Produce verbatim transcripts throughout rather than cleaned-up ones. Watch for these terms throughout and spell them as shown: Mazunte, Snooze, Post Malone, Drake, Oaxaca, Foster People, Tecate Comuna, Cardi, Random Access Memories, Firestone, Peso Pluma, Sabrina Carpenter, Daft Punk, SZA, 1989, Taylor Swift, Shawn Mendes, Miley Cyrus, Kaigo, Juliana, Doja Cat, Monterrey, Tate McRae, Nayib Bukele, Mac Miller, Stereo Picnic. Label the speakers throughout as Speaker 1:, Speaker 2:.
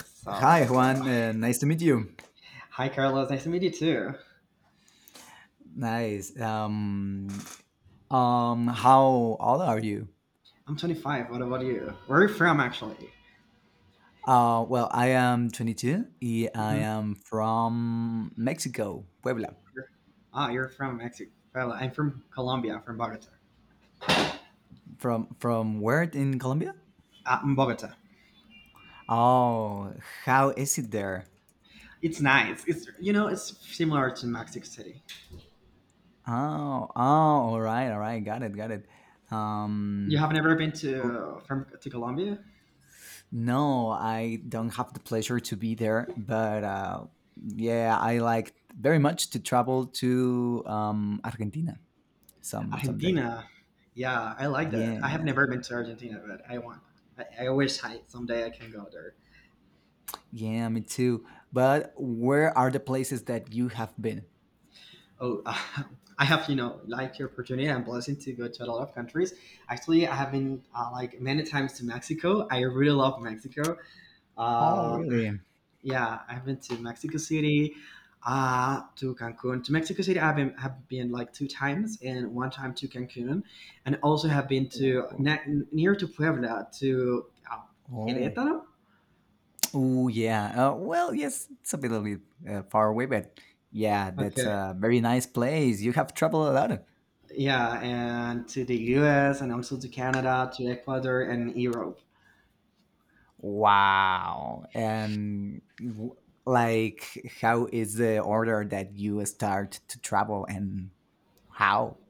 Speaker 1: So
Speaker 2: Hi,
Speaker 1: let's go.
Speaker 2: Juan. Uh, nice to meet you.
Speaker 1: Hi, Carlos. Nice to meet you too.
Speaker 2: Nice. Um, um, how old are you?
Speaker 1: I'm twenty-five. What about you? Where are you from, actually?
Speaker 2: Uh, well, I am twenty two. I I
Speaker 1: Hmm.
Speaker 2: am from Mexico, Puebla.
Speaker 1: You're, ah, you're from Mexico. Well, I'm from Colombia, from Bogota.
Speaker 2: From from where in Colombia?
Speaker 1: Ah, in Bogota.
Speaker 2: Oh, how is it there?
Speaker 1: It's nice. It's you know, it's similar to Mexico City.
Speaker 2: Oh, oh, all right, all right. Got it, got it.
Speaker 1: You
Speaker 2: Um,
Speaker 1: have never been
Speaker 2: w-
Speaker 1: to from to Colombia,
Speaker 2: no, I don't have the pleasure to be there, but uh, yeah, I like very much to travel to um, Argentina. Some someday.
Speaker 1: Argentina. Yeah, I like that. I have
Speaker 2: Yeah,
Speaker 1: never been to Argentina, but I want. I, I wish I someday I can go there.
Speaker 2: yeah, me too. But where are the places that you have been?
Speaker 1: Oh, I have, you know, like your opportunity and blessing to go to a lot of countries. Actually, I have been uh, like many times to Mexico. I really love Mexico.
Speaker 2: Oh,
Speaker 1: Um,
Speaker 2: really?
Speaker 1: yeah, I've been to Mexico City, uh, to Cancun. To Mexico City, I've been have been like two times, and one time to Cancun, and also have been to
Speaker 2: Oh,
Speaker 1: ne- near to Puebla to uh,
Speaker 2: oh.
Speaker 1: Querétaro.
Speaker 2: Ooh, yeah. Uh, well, yes, it's a little bit uh, far away, but yeah, that's
Speaker 1: Okay.
Speaker 2: a very nice place. You have traveled a lot.
Speaker 1: Yeah, and to the U S and also to Canada, to Ecuador, and Europe.
Speaker 2: Wow. And w- like, how is the order that you start to travel and how?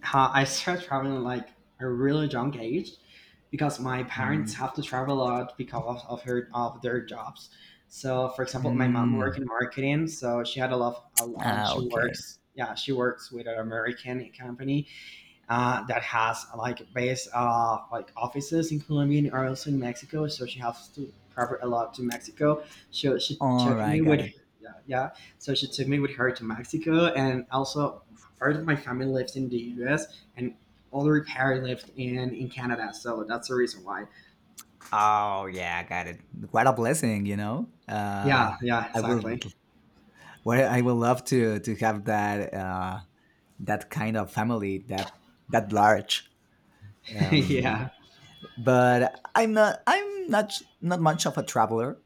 Speaker 1: How I started traveling at, like, a really young age because my
Speaker 2: Mm.
Speaker 1: parents have to travel a lot because of her of their jobs. So, for example, my mom
Speaker 2: Mm.
Speaker 1: worked in marketing, so she had a lot. Of, uh,
Speaker 2: Ah,
Speaker 1: she
Speaker 2: okay.
Speaker 1: works, yeah, she works with an American company, uh, that has like base uh, like offices in Colombia and also in Mexico. So she has to travel a lot to Mexico. So she
Speaker 2: All
Speaker 1: took
Speaker 2: right,
Speaker 1: me
Speaker 2: got
Speaker 1: with
Speaker 2: it.
Speaker 1: yeah, yeah. So she took me with her to Mexico, and also part of my family lives in the U S and other parent lived in in Canada. So that's the reason why.
Speaker 2: Oh yeah, I got it. What a blessing, you know. Uh,
Speaker 1: Yeah, yeah,
Speaker 2: I will,
Speaker 1: exactly.
Speaker 2: well, I will love to to have that uh, that kind of family that that large. Um,
Speaker 1: Yeah.
Speaker 2: but I'm not, I'm not not much of a traveler.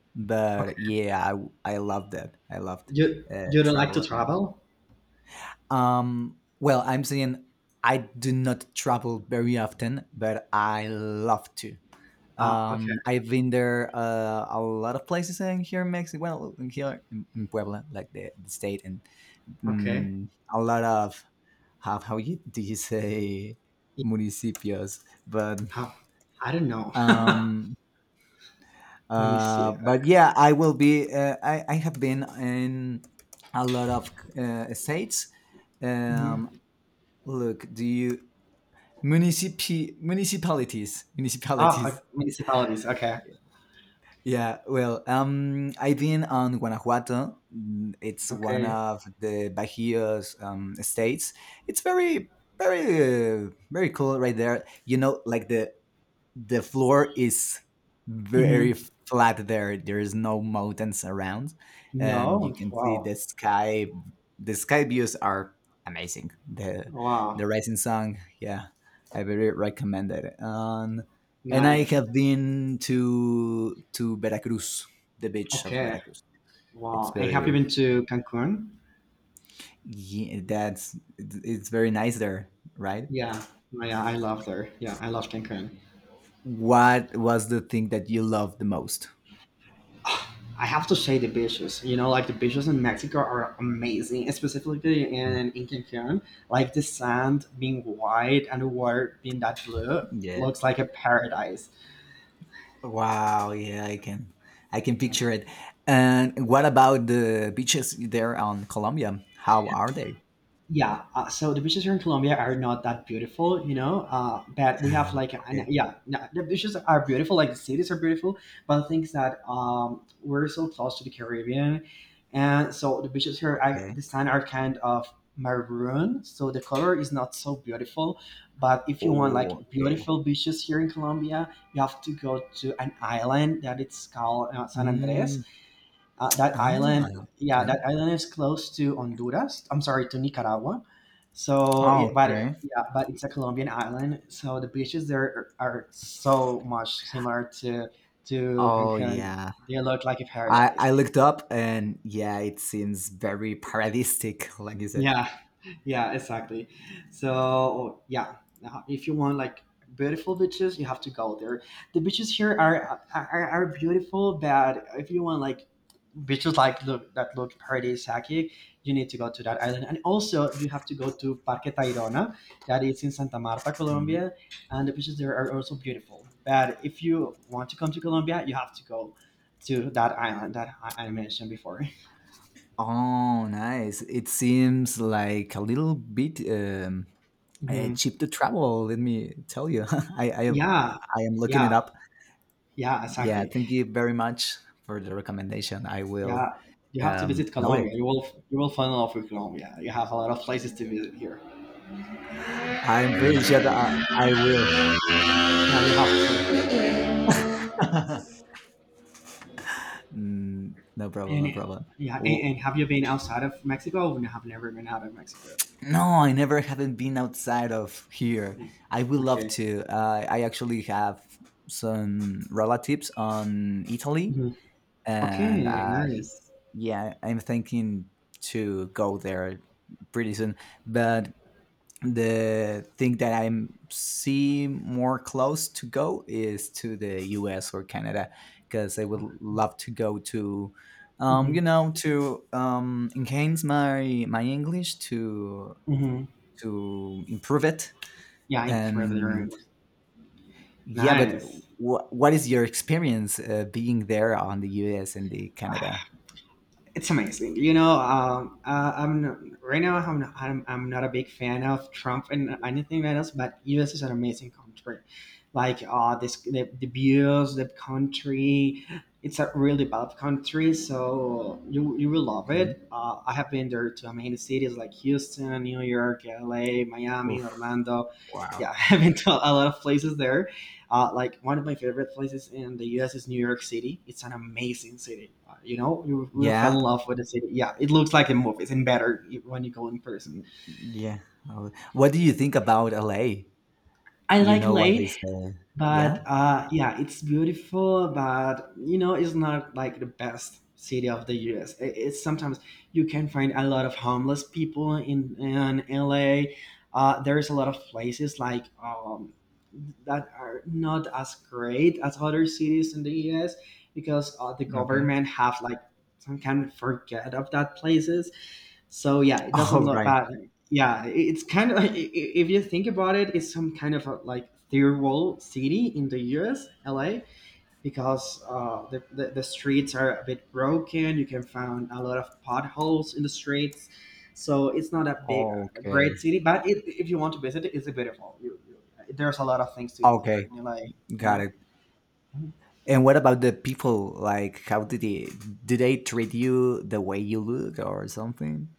Speaker 1: Okay.
Speaker 2: But yeah, I I loved it. I loved
Speaker 1: You
Speaker 2: uh,
Speaker 1: you don't like to
Speaker 2: travel around.
Speaker 1: travel?
Speaker 2: Um, well, I'm saying I do not travel very often, but I love to.
Speaker 1: Ah, okay,
Speaker 2: Um, I've been there uh, a lot of places in here in Mexico. Well, in here in, in Puebla, like the, the state, and
Speaker 1: okay.
Speaker 2: mm, a lot of how how you do you say municipios, but
Speaker 1: Uh, I don't know. Let
Speaker 2: um,
Speaker 1: me see.
Speaker 2: uh,
Speaker 1: I
Speaker 2: but yeah,
Speaker 1: don't
Speaker 2: I will be. Uh, I I have been in a lot of uh, states.
Speaker 1: know.
Speaker 2: Um, Look, do you municipi municipalities
Speaker 1: Ah, okay,
Speaker 2: municipalities?
Speaker 1: municipalities. Okay.
Speaker 2: Yeah, well, um, I've been on Guanajuato. Mm, it's one
Speaker 1: Okay.
Speaker 2: of the Bajío's um, states. It's very, very, uh, very cool right there. You know, like the the floor is
Speaker 1: Hmm.
Speaker 2: very flat. There there is no mountains around and
Speaker 1: No.
Speaker 2: you can see
Speaker 1: Wow.
Speaker 2: the sky. The sky views are amazing. The
Speaker 1: Wow.
Speaker 2: the rising sun, yeah, I very recommend it. Um, and I
Speaker 1: Nice.
Speaker 2: have been to to Veracruz, the beach of
Speaker 1: Okay.
Speaker 2: Veracruz. It's
Speaker 1: Wow. And have you
Speaker 2: very
Speaker 1: been to Cancun?
Speaker 2: Yeah, that's it's it's very nice there, right?
Speaker 1: Yeah. Oh, yeah, I love there. Yeah, I love Cancun.
Speaker 2: What was the thing that you loved the most?
Speaker 1: I have to say the beaches. You know, like the beaches in Mexico are amazing, specifically
Speaker 2: Mm.
Speaker 1: in, in Cancun. Like the sand being white and the water being that blue
Speaker 2: Yeah.
Speaker 1: looks like a paradise.
Speaker 2: Wow, yeah, I can I can picture it. And what about the beaches there on Colombia? How are they?
Speaker 1: Yeah, uh, so the beaches here in Colombia are not that beautiful, you know. Uh, but we have like an,
Speaker 2: Okay,
Speaker 1: yeah, no, the beaches are beautiful, like the cities are beautiful, but the thing is that um, we're so close to the Caribbean, and so the beaches here are,
Speaker 2: okay.
Speaker 1: this time, are kind of maroon, so the color is not so beautiful. But if you want
Speaker 2: Oh,
Speaker 1: like
Speaker 2: okay.
Speaker 1: beautiful beaches here in Colombia, you have to go to an island that it's called uh, San
Speaker 2: Mm,
Speaker 1: Andres. Uh, that
Speaker 2: ah,
Speaker 1: island, yeah,
Speaker 2: okay.
Speaker 1: that island is close to Honduras. I'm sorry, to Nicaragua. So,
Speaker 2: Oh,
Speaker 1: it, but it,
Speaker 2: okay.
Speaker 1: yeah, but it's a Colombian island. So the beaches there are are so much similar to to
Speaker 2: Oh,
Speaker 1: Cancun.
Speaker 2: yeah.
Speaker 1: They look like a
Speaker 2: I
Speaker 1: paradise.
Speaker 2: I looked up and yeah, it seems very paradistic, like you said.
Speaker 1: Yeah, yeah, exactly. So yeah, now, if you want like beautiful beaches, you have to go there. The beaches here are are, are beautiful, but if you want like beaches like look, that look paradisaic, you need to go to that island. And also you have to go to Parque Tayrona, that is in Santa Marta,
Speaker 2: Mm.
Speaker 1: Colombia. And the beaches there are also beautiful, but if you want to come to Colombia, you have to go to that island that i, I mentioned before.
Speaker 2: Oh, nice. It seems like a little bit um uh,
Speaker 1: Mhm.
Speaker 2: cheap to travel, let me tell you. I I
Speaker 1: Yeah,
Speaker 2: I am looking it
Speaker 1: yeah.
Speaker 2: up.
Speaker 1: Yeah,
Speaker 2: Yeah,
Speaker 1: exactly.
Speaker 2: thank you very much for the recommendation. I will
Speaker 1: Yeah, you have to
Speaker 2: um,
Speaker 1: visit
Speaker 2: note it.
Speaker 1: Colombia. You will you will fall in love with Colombia. You have a lot of places to visit here.
Speaker 2: I'm pretty sure that I, I will.
Speaker 1: Yeah, you have to.
Speaker 2: Mm, no problem, no
Speaker 1: And
Speaker 2: problem.
Speaker 1: yeah, and,
Speaker 2: W-
Speaker 1: and have you been outside of Mexico? Or you have never been out of Mexico.
Speaker 2: No, I never haven't been outside of here.
Speaker 1: Mm.
Speaker 2: I would love
Speaker 1: Okay.
Speaker 2: to. Uh, I actually have some relatives on Italy,
Speaker 1: Mhm.
Speaker 2: and
Speaker 1: Okay,
Speaker 2: uh,
Speaker 1: nice.
Speaker 2: yeah, I'm thinking to go there pretty soon. But the thing that I see more close to go is to the U S or Canada, because I would
Speaker 1: Ah,
Speaker 2: love to go to, um,
Speaker 1: mm-hmm.
Speaker 2: you know, to um, enhance my my English, to
Speaker 1: Mm-hmm.
Speaker 2: to improve it
Speaker 1: Yeah, in forever.
Speaker 2: and yeah. But
Speaker 1: Nice.
Speaker 2: wh- what is your experience uh, being there on the U S and the Canada?
Speaker 1: It's amazing. You know, um, uh, I'm not, right now I'm, not- I'm I'm not a big fan of Trump and anything else, but U S is an amazing country. Like uh, this, the, the views, the country, it's a really developed country, so you you will love
Speaker 2: Okay.
Speaker 1: it. Uh, I have been there to amazing cities like Houston, New York, L A, Miami,
Speaker 2: Oof.
Speaker 1: Orlando. Yeah,
Speaker 2: Wow.
Speaker 1: I've been to a lot of places there, uh, like one of my favorite places in the U S is New York City. It's an amazing city. Uh, you know, you will fall in
Speaker 2: Yeah.
Speaker 1: love with the city. Yeah, it looks like the movies and better when you go in person.
Speaker 2: Yeah. Uh, What do you think about L A?
Speaker 1: I
Speaker 2: You
Speaker 1: like
Speaker 2: know what they
Speaker 1: L A,
Speaker 2: say. Yeah?
Speaker 1: but uh, yeah, it's beautiful, but you know, it's not like the best city of the U S. I- It's sometimes you can find a lot of homeless people in in L A. Uh, there's a lot of places like um, that are not as great as other cities in the U S, because uh, the
Speaker 2: Okay.
Speaker 1: government have like some kind of forget of that places. So yeah, it doesn't
Speaker 2: All
Speaker 1: look
Speaker 2: right.
Speaker 1: bad. Yeah, it- it's kind of, if you think about it, it's some kind of a, like third world city in the U S. L A, because uh, the, the the streets are a bit broken. You can find a lot of potholes in the streets, so it's not a big, a great
Speaker 2: Okay.
Speaker 1: city. But it, if you want to visit it, it's beautiful. You, you, there's a lot of things to do there
Speaker 2: Okay.
Speaker 1: in L A. You
Speaker 2: Got
Speaker 1: know.
Speaker 2: it. And what about the people? Like, how did they do? They treat you the way you look or something?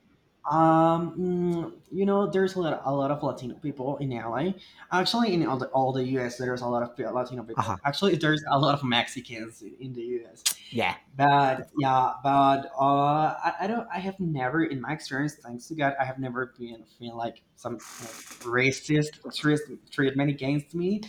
Speaker 1: Um, mm, you know, there's a lot, a lot of Latino people in L A. Actually, in all the, all the U S, there's a lot of Latino
Speaker 2: Aha.
Speaker 1: people. Actually, there's a lot of Mexicans in, in the U S.
Speaker 2: Yeah.
Speaker 1: But yeah, but uh, I, I don't. I have never, in my experience, thanks to God, I have never been feel like some kind of racist treat, treatment against me.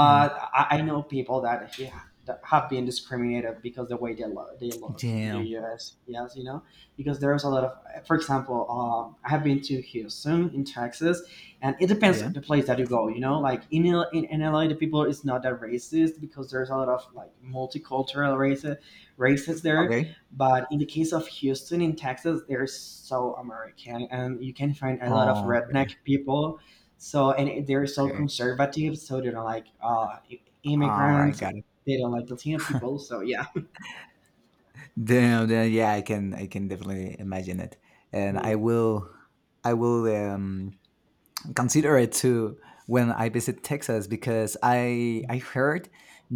Speaker 2: Hmm.
Speaker 1: I, I know people that, he, that have been discriminated because the way they look, they look in the
Speaker 2: Damn.
Speaker 1: U S. Yes, you know, because there's a lot of, for example, um, I have been to Houston in Texas, and it depends
Speaker 2: Yeah.
Speaker 1: on the place that you go. You know, like in L- in, in L A, the people is not that racist because there's a lot of like multicultural races races there.
Speaker 2: Okay.
Speaker 1: But in the case of Houston in Texas, they're so American, and you can find a lot of
Speaker 2: Oh,
Speaker 1: redneck
Speaker 2: okay.
Speaker 1: people. So and it- they're so
Speaker 2: Okay.
Speaker 1: conservative, so they don't like uh,
Speaker 2: All right.
Speaker 1: immigrants.
Speaker 2: Got it.
Speaker 1: They don't like Latino people. So yeah.
Speaker 2: Damn. Then yeah, I can. I can definitely imagine it. And I will. I will. Um. Consider it too when I visit Texas, because I I heard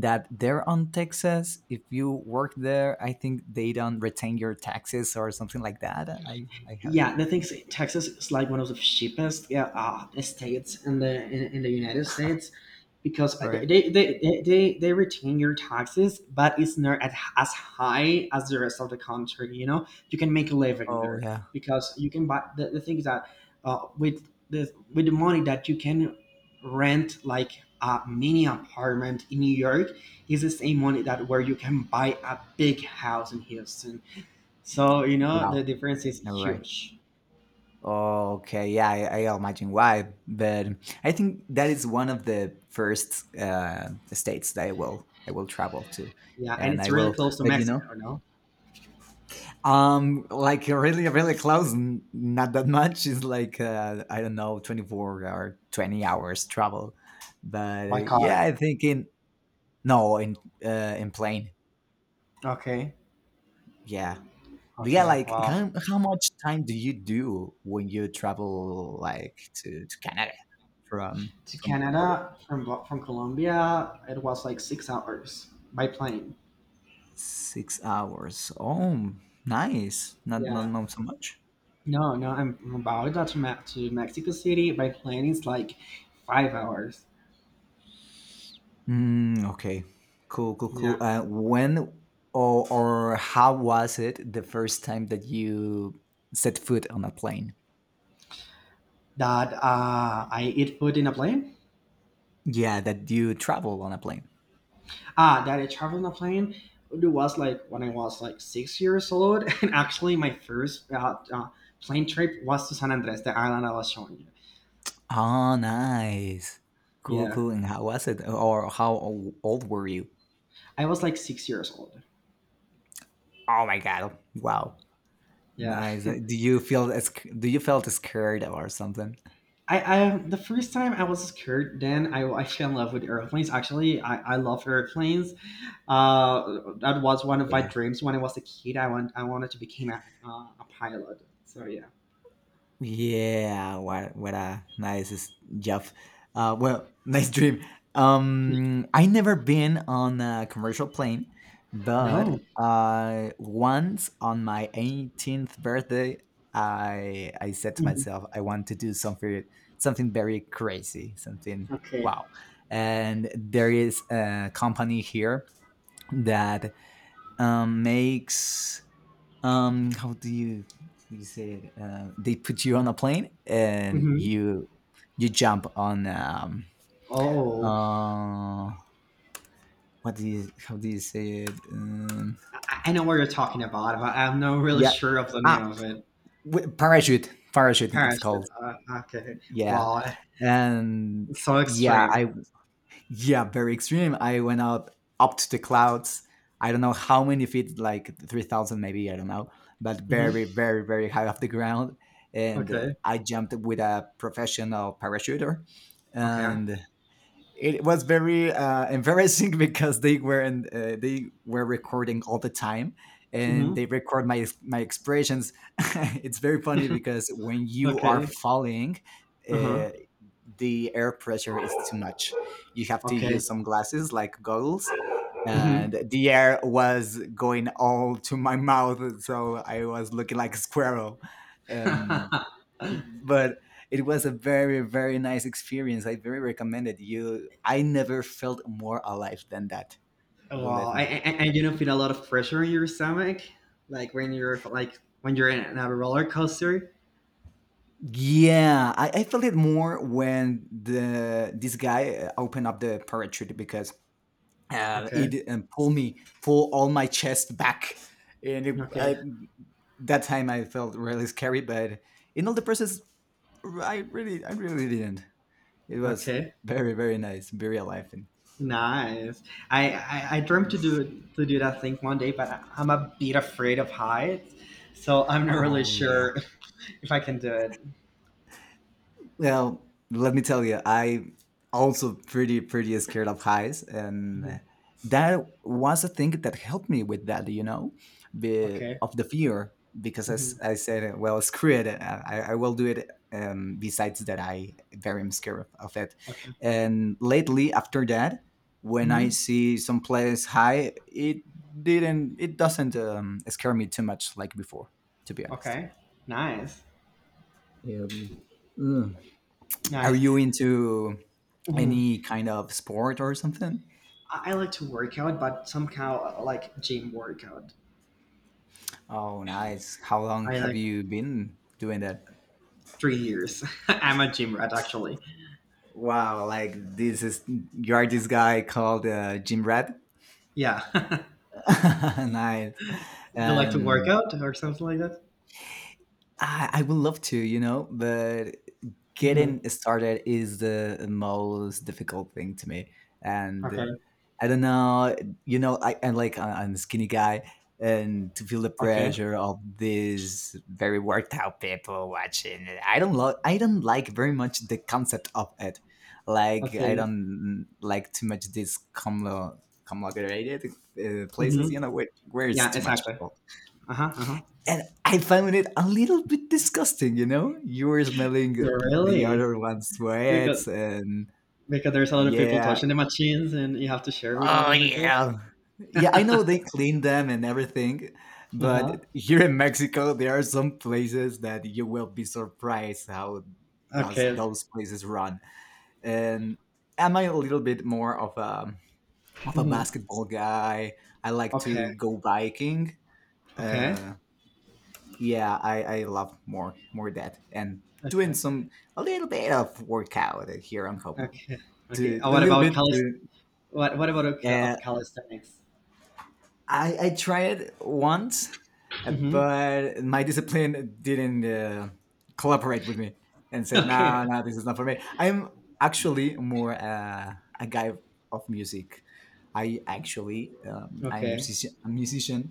Speaker 2: that there on Texas, if you work there, I think they don't retain your taxes or something like that. I I heard.
Speaker 1: Yeah, the thing is, Texas is like one of the cheapest, yeah, uh, states in the in, in the United States, because
Speaker 2: All
Speaker 1: they
Speaker 2: right.
Speaker 1: they, they they they retain your taxes, but it's not at, as high as the rest of the country. You know, you can make a living
Speaker 2: Oh
Speaker 1: there
Speaker 2: yeah.
Speaker 1: because you can buy. The, the thing is that uh, with the with the money that you can rent like a mini apartment in New York is the same money that where you can buy a big house in Houston. So you know the
Speaker 2: Wow.
Speaker 1: difference is
Speaker 2: All right.
Speaker 1: huge.
Speaker 2: Okay. Yeah, I, I imagine why, but I think that is one of the first uh, states that I will I will travel to,
Speaker 1: Yeah, and
Speaker 2: and
Speaker 1: it's
Speaker 2: I
Speaker 1: really
Speaker 2: will
Speaker 1: close to
Speaker 2: let you know.
Speaker 1: Mexico, no?
Speaker 2: Um, like really, really close. n- Not that much. It's like uh, I don't know, twenty four or twenty hours travel. But uh,
Speaker 1: By
Speaker 2: yeah,
Speaker 1: car.
Speaker 2: I think in no in uh, in plane.
Speaker 1: Okay.
Speaker 2: Yeah, yeah.
Speaker 1: Okay.
Speaker 2: Like
Speaker 1: Wow.
Speaker 2: how, how much time do you do when you travel like to, to Canada from
Speaker 1: To
Speaker 2: from
Speaker 1: Canada from from Colombia, it was like six hours by plane.
Speaker 2: six hours? Oh, nice. Not not
Speaker 1: Yeah.
Speaker 2: not so much.
Speaker 1: No, no, I'm I'm about to ma- to Mexico City by plane. It's like five hours.
Speaker 2: Mm, okay. Cool, cool, cool.
Speaker 1: Yeah.
Speaker 2: Uh, when or, or How was it the first time that you set foot on a plane?
Speaker 1: That uh, I eat food in a plane.
Speaker 2: Yeah, that you travel on a plane.
Speaker 1: Ah, that I travel in a plane. It was like when I was like six years old, and actually my first uh, uh, plane trip was to San Andres, the island I was showing you.
Speaker 2: Oh, nice. Cool,
Speaker 1: Yeah.
Speaker 2: cool. And how was it? Or how o- old were you?
Speaker 1: I was like six years old.
Speaker 2: Oh my god. Wow.
Speaker 1: Yeah,
Speaker 2: Nice. Uh, Do you feel as do you felt scared or something?
Speaker 1: I, I the first time I was scared. Then I, I fell in love with airplanes. Actually, I, I love airplanes. Uh, that was one of my dreams when I was a kid. I want I wanted to become a, uh, a pilot. So yeah.
Speaker 2: Yeah, what what a nice s- job. Uh, well, nice dream. Um, I never been on a commercial plane,
Speaker 1: No.
Speaker 2: but uh, once on my eighteenth birthday, I I said to
Speaker 1: Mhm.
Speaker 2: myself, I want to do something, something very crazy, something
Speaker 1: Okay.
Speaker 2: wow. And there is a company here that um, makes um how do you you say it uh, they put you on a plane and
Speaker 1: Hmm.
Speaker 2: you you jump on um
Speaker 1: Oh,
Speaker 2: uh what do you how do you say it um
Speaker 1: I, I know what you're talking about, but I'm not really
Speaker 2: yeah
Speaker 1: sure of the
Speaker 2: ah
Speaker 1: name of it.
Speaker 2: wi- parachute parachute, it's
Speaker 1: Parachute.
Speaker 2: called.
Speaker 1: Uh, okay.
Speaker 2: yeah
Speaker 1: Wow,
Speaker 2: and
Speaker 1: it's so
Speaker 2: yeah
Speaker 1: extreme.
Speaker 2: i Yeah, very extreme. I went out up to the clouds. I don't know how many feet, like three thousand maybe, I don't know, but
Speaker 1: Hmm.
Speaker 2: very, very, very high off the ground. And uh,
Speaker 1: Okay.
Speaker 2: I jumped with a professional parachuter.
Speaker 1: Okay.
Speaker 2: And it was very uh, embarrassing because they were in, uh, they were recording all the time, and
Speaker 1: Hmm.
Speaker 2: they record my my expressions. It's very funny, because when you are
Speaker 1: Okay.
Speaker 2: falling,
Speaker 1: Uh huh.
Speaker 2: uh, the air pressure is too much. You have to
Speaker 1: Okay.
Speaker 2: use some glasses, like goggles, and
Speaker 1: Hmm.
Speaker 2: the air was going all to my mouth, so I was looking like a squirrel. um,
Speaker 1: Wow.
Speaker 2: but it was a very very nice experience. I very recommend it. You, I never felt more alive than that,
Speaker 1: And,
Speaker 2: believe me.
Speaker 1: and, and you don't feel a lot of pressure in your stomach, like when you're like when you're in a roller coaster.
Speaker 2: Yeah, i, I felt it more when the this guy uh, opened up the parachute because uh,
Speaker 1: Okay.
Speaker 2: it um, pulled me pull all my chest back, and it, I,
Speaker 1: Okay.
Speaker 2: that time I felt really scary, but in all the process, r- i really I really didn't. It was
Speaker 1: Okay.
Speaker 2: very very nice, very alive, and
Speaker 1: Nice. I, I I dreamt to do to do that thing one day, but I- I'm a bit afraid of heights, so I'm not really
Speaker 2: oh yeah.
Speaker 1: sure if I can do it.
Speaker 2: Well, let me tell you, I also pretty pretty scared of highs, and
Speaker 1: Mhm.
Speaker 2: that was a thing that helped me with that. You know, the
Speaker 1: Okay.
Speaker 2: of the fear, because
Speaker 1: Hmm.
Speaker 2: as I said, well, screw it, uh, I, I will do it. Um, besides that, I very am scared of, of it.
Speaker 1: Okay.
Speaker 2: And lately, after that, when I
Speaker 1: Hmm.
Speaker 2: see some place high, it didn't, it doesn't um, scare me too much like before. To be honest.
Speaker 1: Okay. Nice.
Speaker 2: Yeah. Mm. Are
Speaker 1: Nice.
Speaker 2: you into
Speaker 1: Hmm.
Speaker 2: any kind of sport or something?
Speaker 1: I, I like to work out, but somehow I like gym workout.
Speaker 2: Oh, nice. How long
Speaker 1: I
Speaker 2: have
Speaker 1: like
Speaker 2: you been doing that?
Speaker 1: three years. I'm a gym rat, actually.
Speaker 2: Wow, like this is you are this guy called uh, Jim Red.
Speaker 1: Yeah.
Speaker 2: Nice.
Speaker 1: You like to work
Speaker 2: And
Speaker 1: out or something like that?
Speaker 2: I, I would love to, you know, but
Speaker 1: Hmm.
Speaker 2: getting started is the most difficult thing to me. And uh,
Speaker 1: Okay.
Speaker 2: I don't know, you know, I, I'm like, I- I'm a skinny guy, and to feel the
Speaker 1: Okay.
Speaker 2: pressure of these very worked out people watching, I don't lo- I don't like very much the concept of it. Like, I
Speaker 1: Okay.
Speaker 2: don't like too much this com- conglomerated uh,
Speaker 1: Hmm.
Speaker 2: places, you know, where, where it's
Speaker 1: Yeah,
Speaker 2: too much
Speaker 1: exactly.
Speaker 2: people,
Speaker 1: Uh huh. Uh huh.
Speaker 2: and I found it a little bit disgusting, you know? You were smelling the
Speaker 1: Really?
Speaker 2: other one's
Speaker 1: Because
Speaker 2: sweats and
Speaker 1: because there's a lot of people
Speaker 2: yeah.
Speaker 1: touching the machines, and you have to share with
Speaker 2: Oh
Speaker 1: other people.
Speaker 2: yeah. Yeah, I know they clean them and everything,
Speaker 1: Uh huh.
Speaker 2: but here in Mexico there are some places that you will be surprised how those
Speaker 1: Okay.
Speaker 2: those places run. And am I a little bit more of a of a
Speaker 1: Hmm.
Speaker 2: basketball guy? I like to
Speaker 1: Okay.
Speaker 2: go biking.
Speaker 1: Okay.
Speaker 2: Uh, yeah, I, I love more more that, and doing
Speaker 1: Okay.
Speaker 2: some a little bit of workout here on home,
Speaker 1: Okay.
Speaker 2: to
Speaker 1: Okay.
Speaker 2: a
Speaker 1: Uh, what
Speaker 2: little
Speaker 1: about
Speaker 2: bit
Speaker 1: calis?
Speaker 2: to
Speaker 1: What What about of ca-
Speaker 2: uh,
Speaker 1: of calisthenics?
Speaker 2: I I tried once, uh,
Speaker 1: Hmm.
Speaker 2: but my discipline didn't uh, collaborate with me and said
Speaker 1: Okay.
Speaker 2: no, no, this is not for me. I'm actually more uh, a guy of music. I actually um, I'm a
Speaker 1: Okay.
Speaker 2: musician, a musician.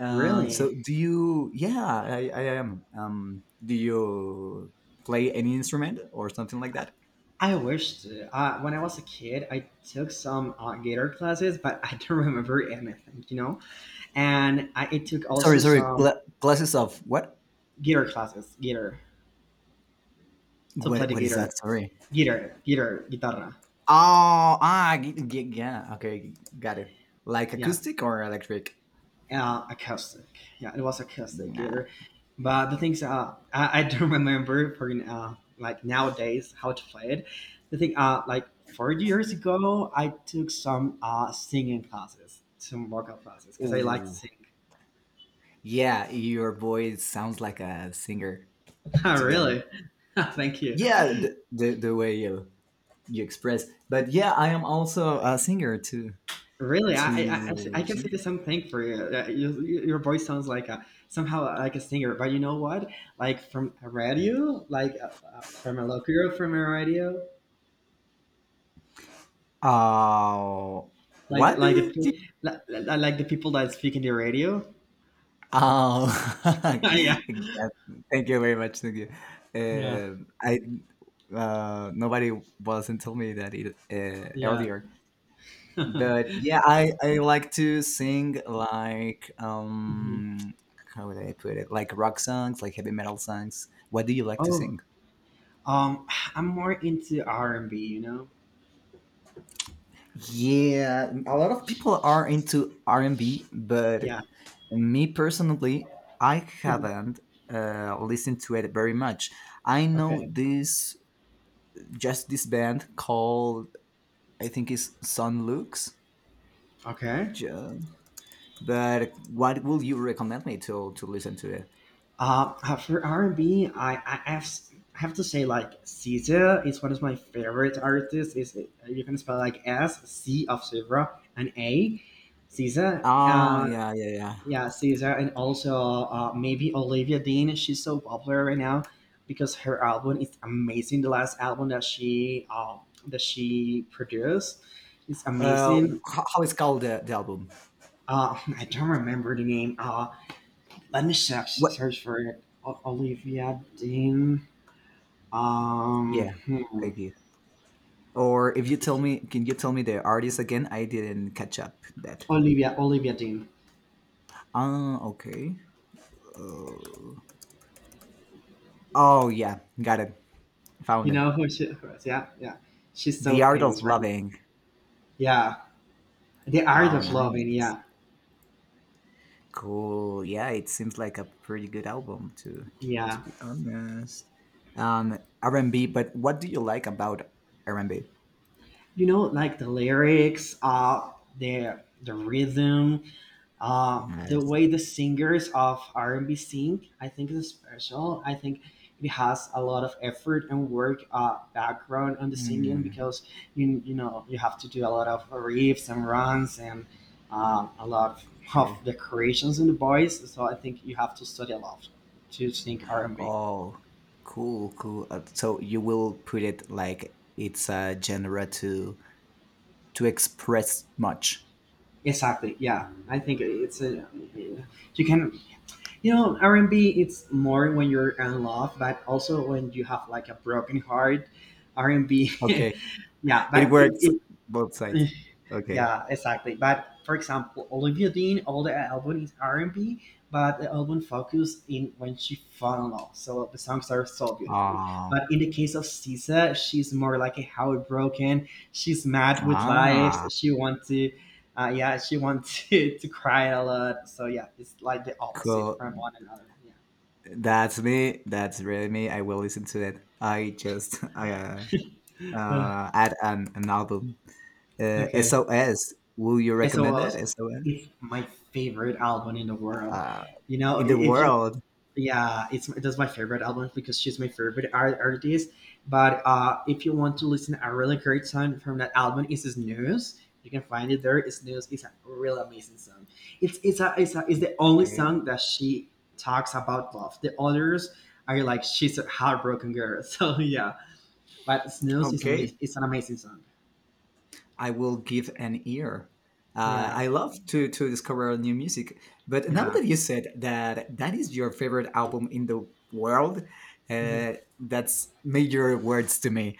Speaker 2: Um, so
Speaker 1: Really?
Speaker 2: do you? Yeah, I, I am. Um, do you play any instrument or something like that?
Speaker 1: I wished. Uh, when I was a kid, I took some uh, guitar classes, but I don't remember anything, you know. And I, I took
Speaker 2: Sorry,
Speaker 1: also
Speaker 2: sorry.
Speaker 1: some
Speaker 2: Gla- glasses of what?
Speaker 1: guitar classes, guitar to
Speaker 2: What?
Speaker 1: play the
Speaker 2: What is
Speaker 1: guitar,
Speaker 2: that? Sorry.
Speaker 1: guitar, guitar, guitarra.
Speaker 2: Oh, ah, g- g- yeah. Okay, got it. Like
Speaker 1: Yeah,
Speaker 2: acoustic or electric?
Speaker 1: uh, acoustic. Yeah, it was acoustic guitar.
Speaker 2: Nah.
Speaker 1: But the things uh, I, I don't remember for uh, like nowadays how to play it. The thing uh, Like four years ago, I took some uh, singing classes, some vocal classes, because I like to
Speaker 2: Ooh.
Speaker 1: sing.
Speaker 2: Yeah, your voice sounds like a singer.
Speaker 1: Oh,
Speaker 2: To be honest.
Speaker 1: really? Thank you.
Speaker 2: Yeah, the the, the way you you express. But yeah, I am also a singer too.
Speaker 1: Really, I, I, I I
Speaker 2: To
Speaker 1: can
Speaker 2: see.
Speaker 1: see the same thing for you. Uh, you you- your voice sounds like a, somehow like a singer, but you know what? Like from a radio, like uh, uh, from a local, from a radio,
Speaker 2: Oh,
Speaker 1: like
Speaker 2: what do
Speaker 1: like the
Speaker 2: you do?
Speaker 1: pe- li- li- like the people that speak in the radio.
Speaker 2: Oh,
Speaker 1: Yeah,
Speaker 2: yeah, thank you very much. Thank you.
Speaker 1: yeah,
Speaker 2: Um I uh, Nobody wasn't told me that it, uh,
Speaker 1: yeah.
Speaker 2: earlier, but yeah, I I like to sing like
Speaker 1: Mhm.
Speaker 2: um how would I put it? Like rock songs, like heavy metal songs. What do you like to
Speaker 1: Oh,
Speaker 2: sing?
Speaker 1: um, I'm more into R and B. You know?
Speaker 2: Yeah, a lot of people are into R and B, but
Speaker 1: Yeah.
Speaker 2: me personally, I haven't uh, listened to it very much. I know
Speaker 1: Okay.
Speaker 2: this just this band called I think is Sun Lux.
Speaker 1: Okay.
Speaker 2: ju- But what will you recommend me to to listen to it?
Speaker 1: Uh, uh, for R and B, I I have, s- have to say like S Z A is one of my favorite artists. Is you can spell like S C of Silva and A, S Z A.
Speaker 2: Oh
Speaker 1: Uh,
Speaker 2: yeah, yeah, yeah.
Speaker 1: yeah, S Z A, and also uh, maybe Olivia Dean. She's so popular right now because her album is amazing. The last album that she uh, that she produced is
Speaker 2: Uh,
Speaker 1: amazing.
Speaker 2: how, how is called the, the album?
Speaker 1: Uh, I don't remember the name. Uh, let me search
Speaker 2: What?
Speaker 1: search for it. O- Olivia Dean. Um,
Speaker 2: Yeah,
Speaker 1: hmm.
Speaker 2: thank you. Or if you
Speaker 1: Let me
Speaker 2: tell
Speaker 1: see.
Speaker 2: me, can you tell me the artist again? I didn't catch up that.
Speaker 1: Olivia, Olivia Dean.
Speaker 2: Uh, okay. Uh, oh, yeah. Got it. Found
Speaker 1: You
Speaker 2: it.
Speaker 1: know who she who is? Yeah, yeah. She's so
Speaker 2: The Art of
Speaker 1: famous, right?
Speaker 2: Loving.
Speaker 1: Yeah. The Art
Speaker 2: Oh,
Speaker 1: of Loving.
Speaker 2: nice.
Speaker 1: Yeah,
Speaker 2: Cool. Yeah, it seems like a pretty good album, to, to
Speaker 1: yeah.
Speaker 2: be honest. Um, R and B, but what do you like about R and B?
Speaker 1: You know, like the lyrics, uh, the the rhythm. Uh, the
Speaker 2: Nice.
Speaker 1: way the singers of R and B sing, I think is special. I think it has a lot of effort and work uh, background on the singing
Speaker 2: Hmm.
Speaker 1: because you you know you have to do a lot of riffs and runs and um, a lot of, of
Speaker 2: Okay.
Speaker 1: decorations in the voice. So I think you have to study a lot to sing R and B.
Speaker 2: Oh, cool, cool. Uh, so you will put it like it's a genre to to express much.
Speaker 1: Exactly. Yeah, I think it's a, you can. You know, R and B, it's more when you're in love, but also when you have like a broken heart. R and B.
Speaker 2: Okay.
Speaker 1: Yeah,
Speaker 2: It
Speaker 1: but
Speaker 2: works
Speaker 1: it,
Speaker 2: both sides.
Speaker 1: it,
Speaker 2: Okay.
Speaker 1: yeah, exactly. But for example, Olivia Dean, all the album is R and B, but the album focus in when she fell in love. So the songs are so beautiful.
Speaker 2: Ah,
Speaker 1: But in the case of S Z A, she's more like a heartbroken. She's mad with life.
Speaker 2: ah,
Speaker 1: She wants to. Uh, yeah, she wants to, to cry a lot. So yeah, it's like the opposite
Speaker 2: cool.
Speaker 1: from one another. Yeah.
Speaker 2: That's me. That's really me. I will listen to it. I just uh,
Speaker 1: Uh,
Speaker 2: uh add an, an album. Uh,
Speaker 1: okay.
Speaker 2: S O S. Will you
Speaker 1: And is
Speaker 2: recommend it? S O S.
Speaker 1: my favorite album in the world.
Speaker 2: Uh,
Speaker 1: You know,
Speaker 2: in the
Speaker 1: if you,
Speaker 2: world.
Speaker 1: yeah, it's, that's my favorite album because she's my favorite art- artist. But uh, if you want to listen a really great song from that album, is Snooze. You can find it there. It's Snooze. It's a really amazing song. It's it's a, it's a, it's the only
Speaker 2: Okay.
Speaker 1: song that she talks about love. The others are like she's a heartbroken girl. So yeah, but Snooze is
Speaker 2: Okay.
Speaker 1: amazing. It's an amazing song.
Speaker 2: I will give an ear. Uh,
Speaker 1: Yeah,
Speaker 2: I love to to discover new music. But now
Speaker 1: yeah.
Speaker 2: that you said that that is your favorite album in the world, uh, that's major words to me,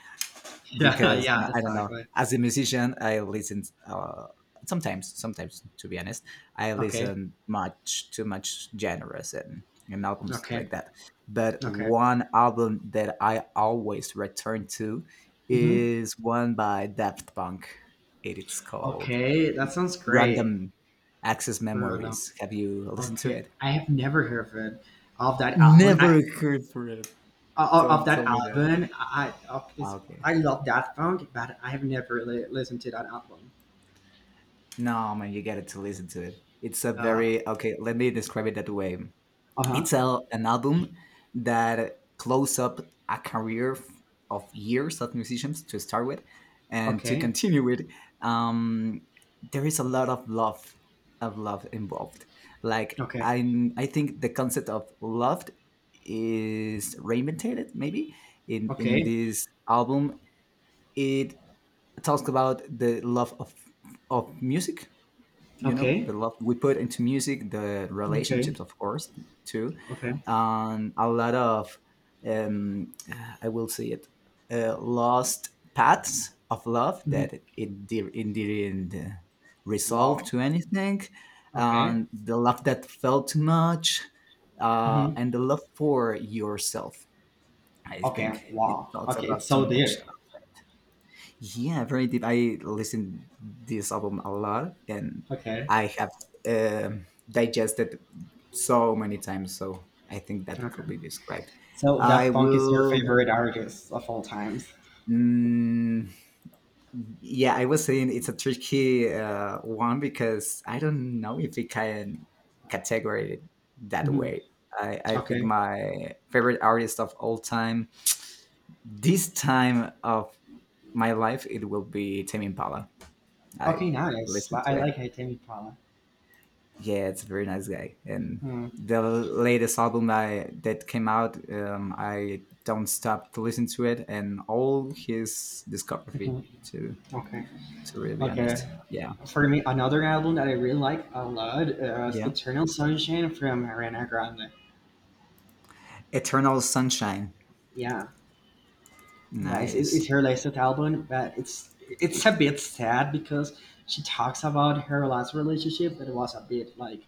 Speaker 1: Yeah,
Speaker 2: because
Speaker 1: yeah,
Speaker 2: I don't know.
Speaker 1: exactly.
Speaker 2: As a musician, I listen uh, sometimes. Sometimes, to be honest, I
Speaker 1: Okay,
Speaker 2: listen much too much genres and and albums
Speaker 1: okay,
Speaker 2: like that. But
Speaker 1: okay.
Speaker 2: one album that I always return to
Speaker 1: Hmm.
Speaker 2: is one by Daft Punk. It is called
Speaker 1: Okay, that sounds great,
Speaker 2: Random Access
Speaker 1: Bruno.
Speaker 2: Memories. Have you listened to
Speaker 1: Okay,
Speaker 2: it?
Speaker 1: I have never heard of it, of that album. I
Speaker 2: Never heard for it.
Speaker 1: o- of
Speaker 2: Don't tell
Speaker 1: that
Speaker 2: me that.
Speaker 1: album. I I- of this,
Speaker 2: Okay.
Speaker 1: I love that song, but I have never really listened to that album.
Speaker 2: No, man, you get to listen to it. It's a
Speaker 1: Uh
Speaker 2: very okay. Let me describe it that way.
Speaker 1: huh.
Speaker 2: It's a, an album that close up a career f- of years of musicians to start with, and to
Speaker 1: Okay,
Speaker 2: continue with. Um, there is a lot of love, of love involved. Like
Speaker 1: okay,
Speaker 2: I, I think the concept of love is reinvented maybe in in
Speaker 1: okay,
Speaker 2: this album. It talks about the love of of music, you know, the
Speaker 1: okay,
Speaker 2: love we put into music, the
Speaker 1: okay,
Speaker 2: relationships, of course, too,
Speaker 1: okay.
Speaker 2: and a lot of um uh, I will say it, uh, lost paths of love
Speaker 1: Hmm.
Speaker 2: that it, di- it didn't uh, resolve
Speaker 1: Wow.
Speaker 2: to anything,
Speaker 1: Okay.
Speaker 2: and the love that felt too much, uh,
Speaker 1: Hmm.
Speaker 2: and the love for yourself. I
Speaker 1: Okay.
Speaker 2: think it
Speaker 1: Wow.
Speaker 2: talks
Speaker 1: Okay, it's
Speaker 2: about too
Speaker 1: so
Speaker 2: much.
Speaker 1: deep.
Speaker 2: Yeah, very deep. I listen this album a lot, and
Speaker 1: Okay.
Speaker 2: I have um digested so many times. So I think that
Speaker 1: Okay.
Speaker 2: could be described.
Speaker 1: So
Speaker 2: I
Speaker 1: Daft Punk is your
Speaker 2: will.
Speaker 1: favorite artist of all times.
Speaker 2: Mm, yeah, I was saying it's a tricky uh, one because I don't know if it can categorize it that
Speaker 1: Mhm.
Speaker 2: way. I, I think
Speaker 1: Okay.
Speaker 2: my favorite artist of all time, this time of my life, it will be Tame Impala. I
Speaker 1: Okay, nice.
Speaker 2: listen
Speaker 1: Li-
Speaker 2: to
Speaker 1: I like
Speaker 2: it,
Speaker 1: Tame Impala.
Speaker 2: yeah, it's a very nice guy. And
Speaker 1: Hmm.
Speaker 2: the latest album I, that came out, um, I don't stop to listen to it and all his discography.
Speaker 1: Mhm.
Speaker 2: To
Speaker 1: Okay.
Speaker 2: to really be honest,
Speaker 1: Okay.
Speaker 2: yeah,
Speaker 1: For me, another album that I really like a lot is
Speaker 2: yeah.
Speaker 1: Eternal Sunshine from Ariana Grande.
Speaker 2: Eternal Sunshine,
Speaker 1: Yeah. Yeah, it's, it-
Speaker 2: nice.
Speaker 1: it's her latest album, but it's it's a bit sad because she talks about her last relationship that was a bit like,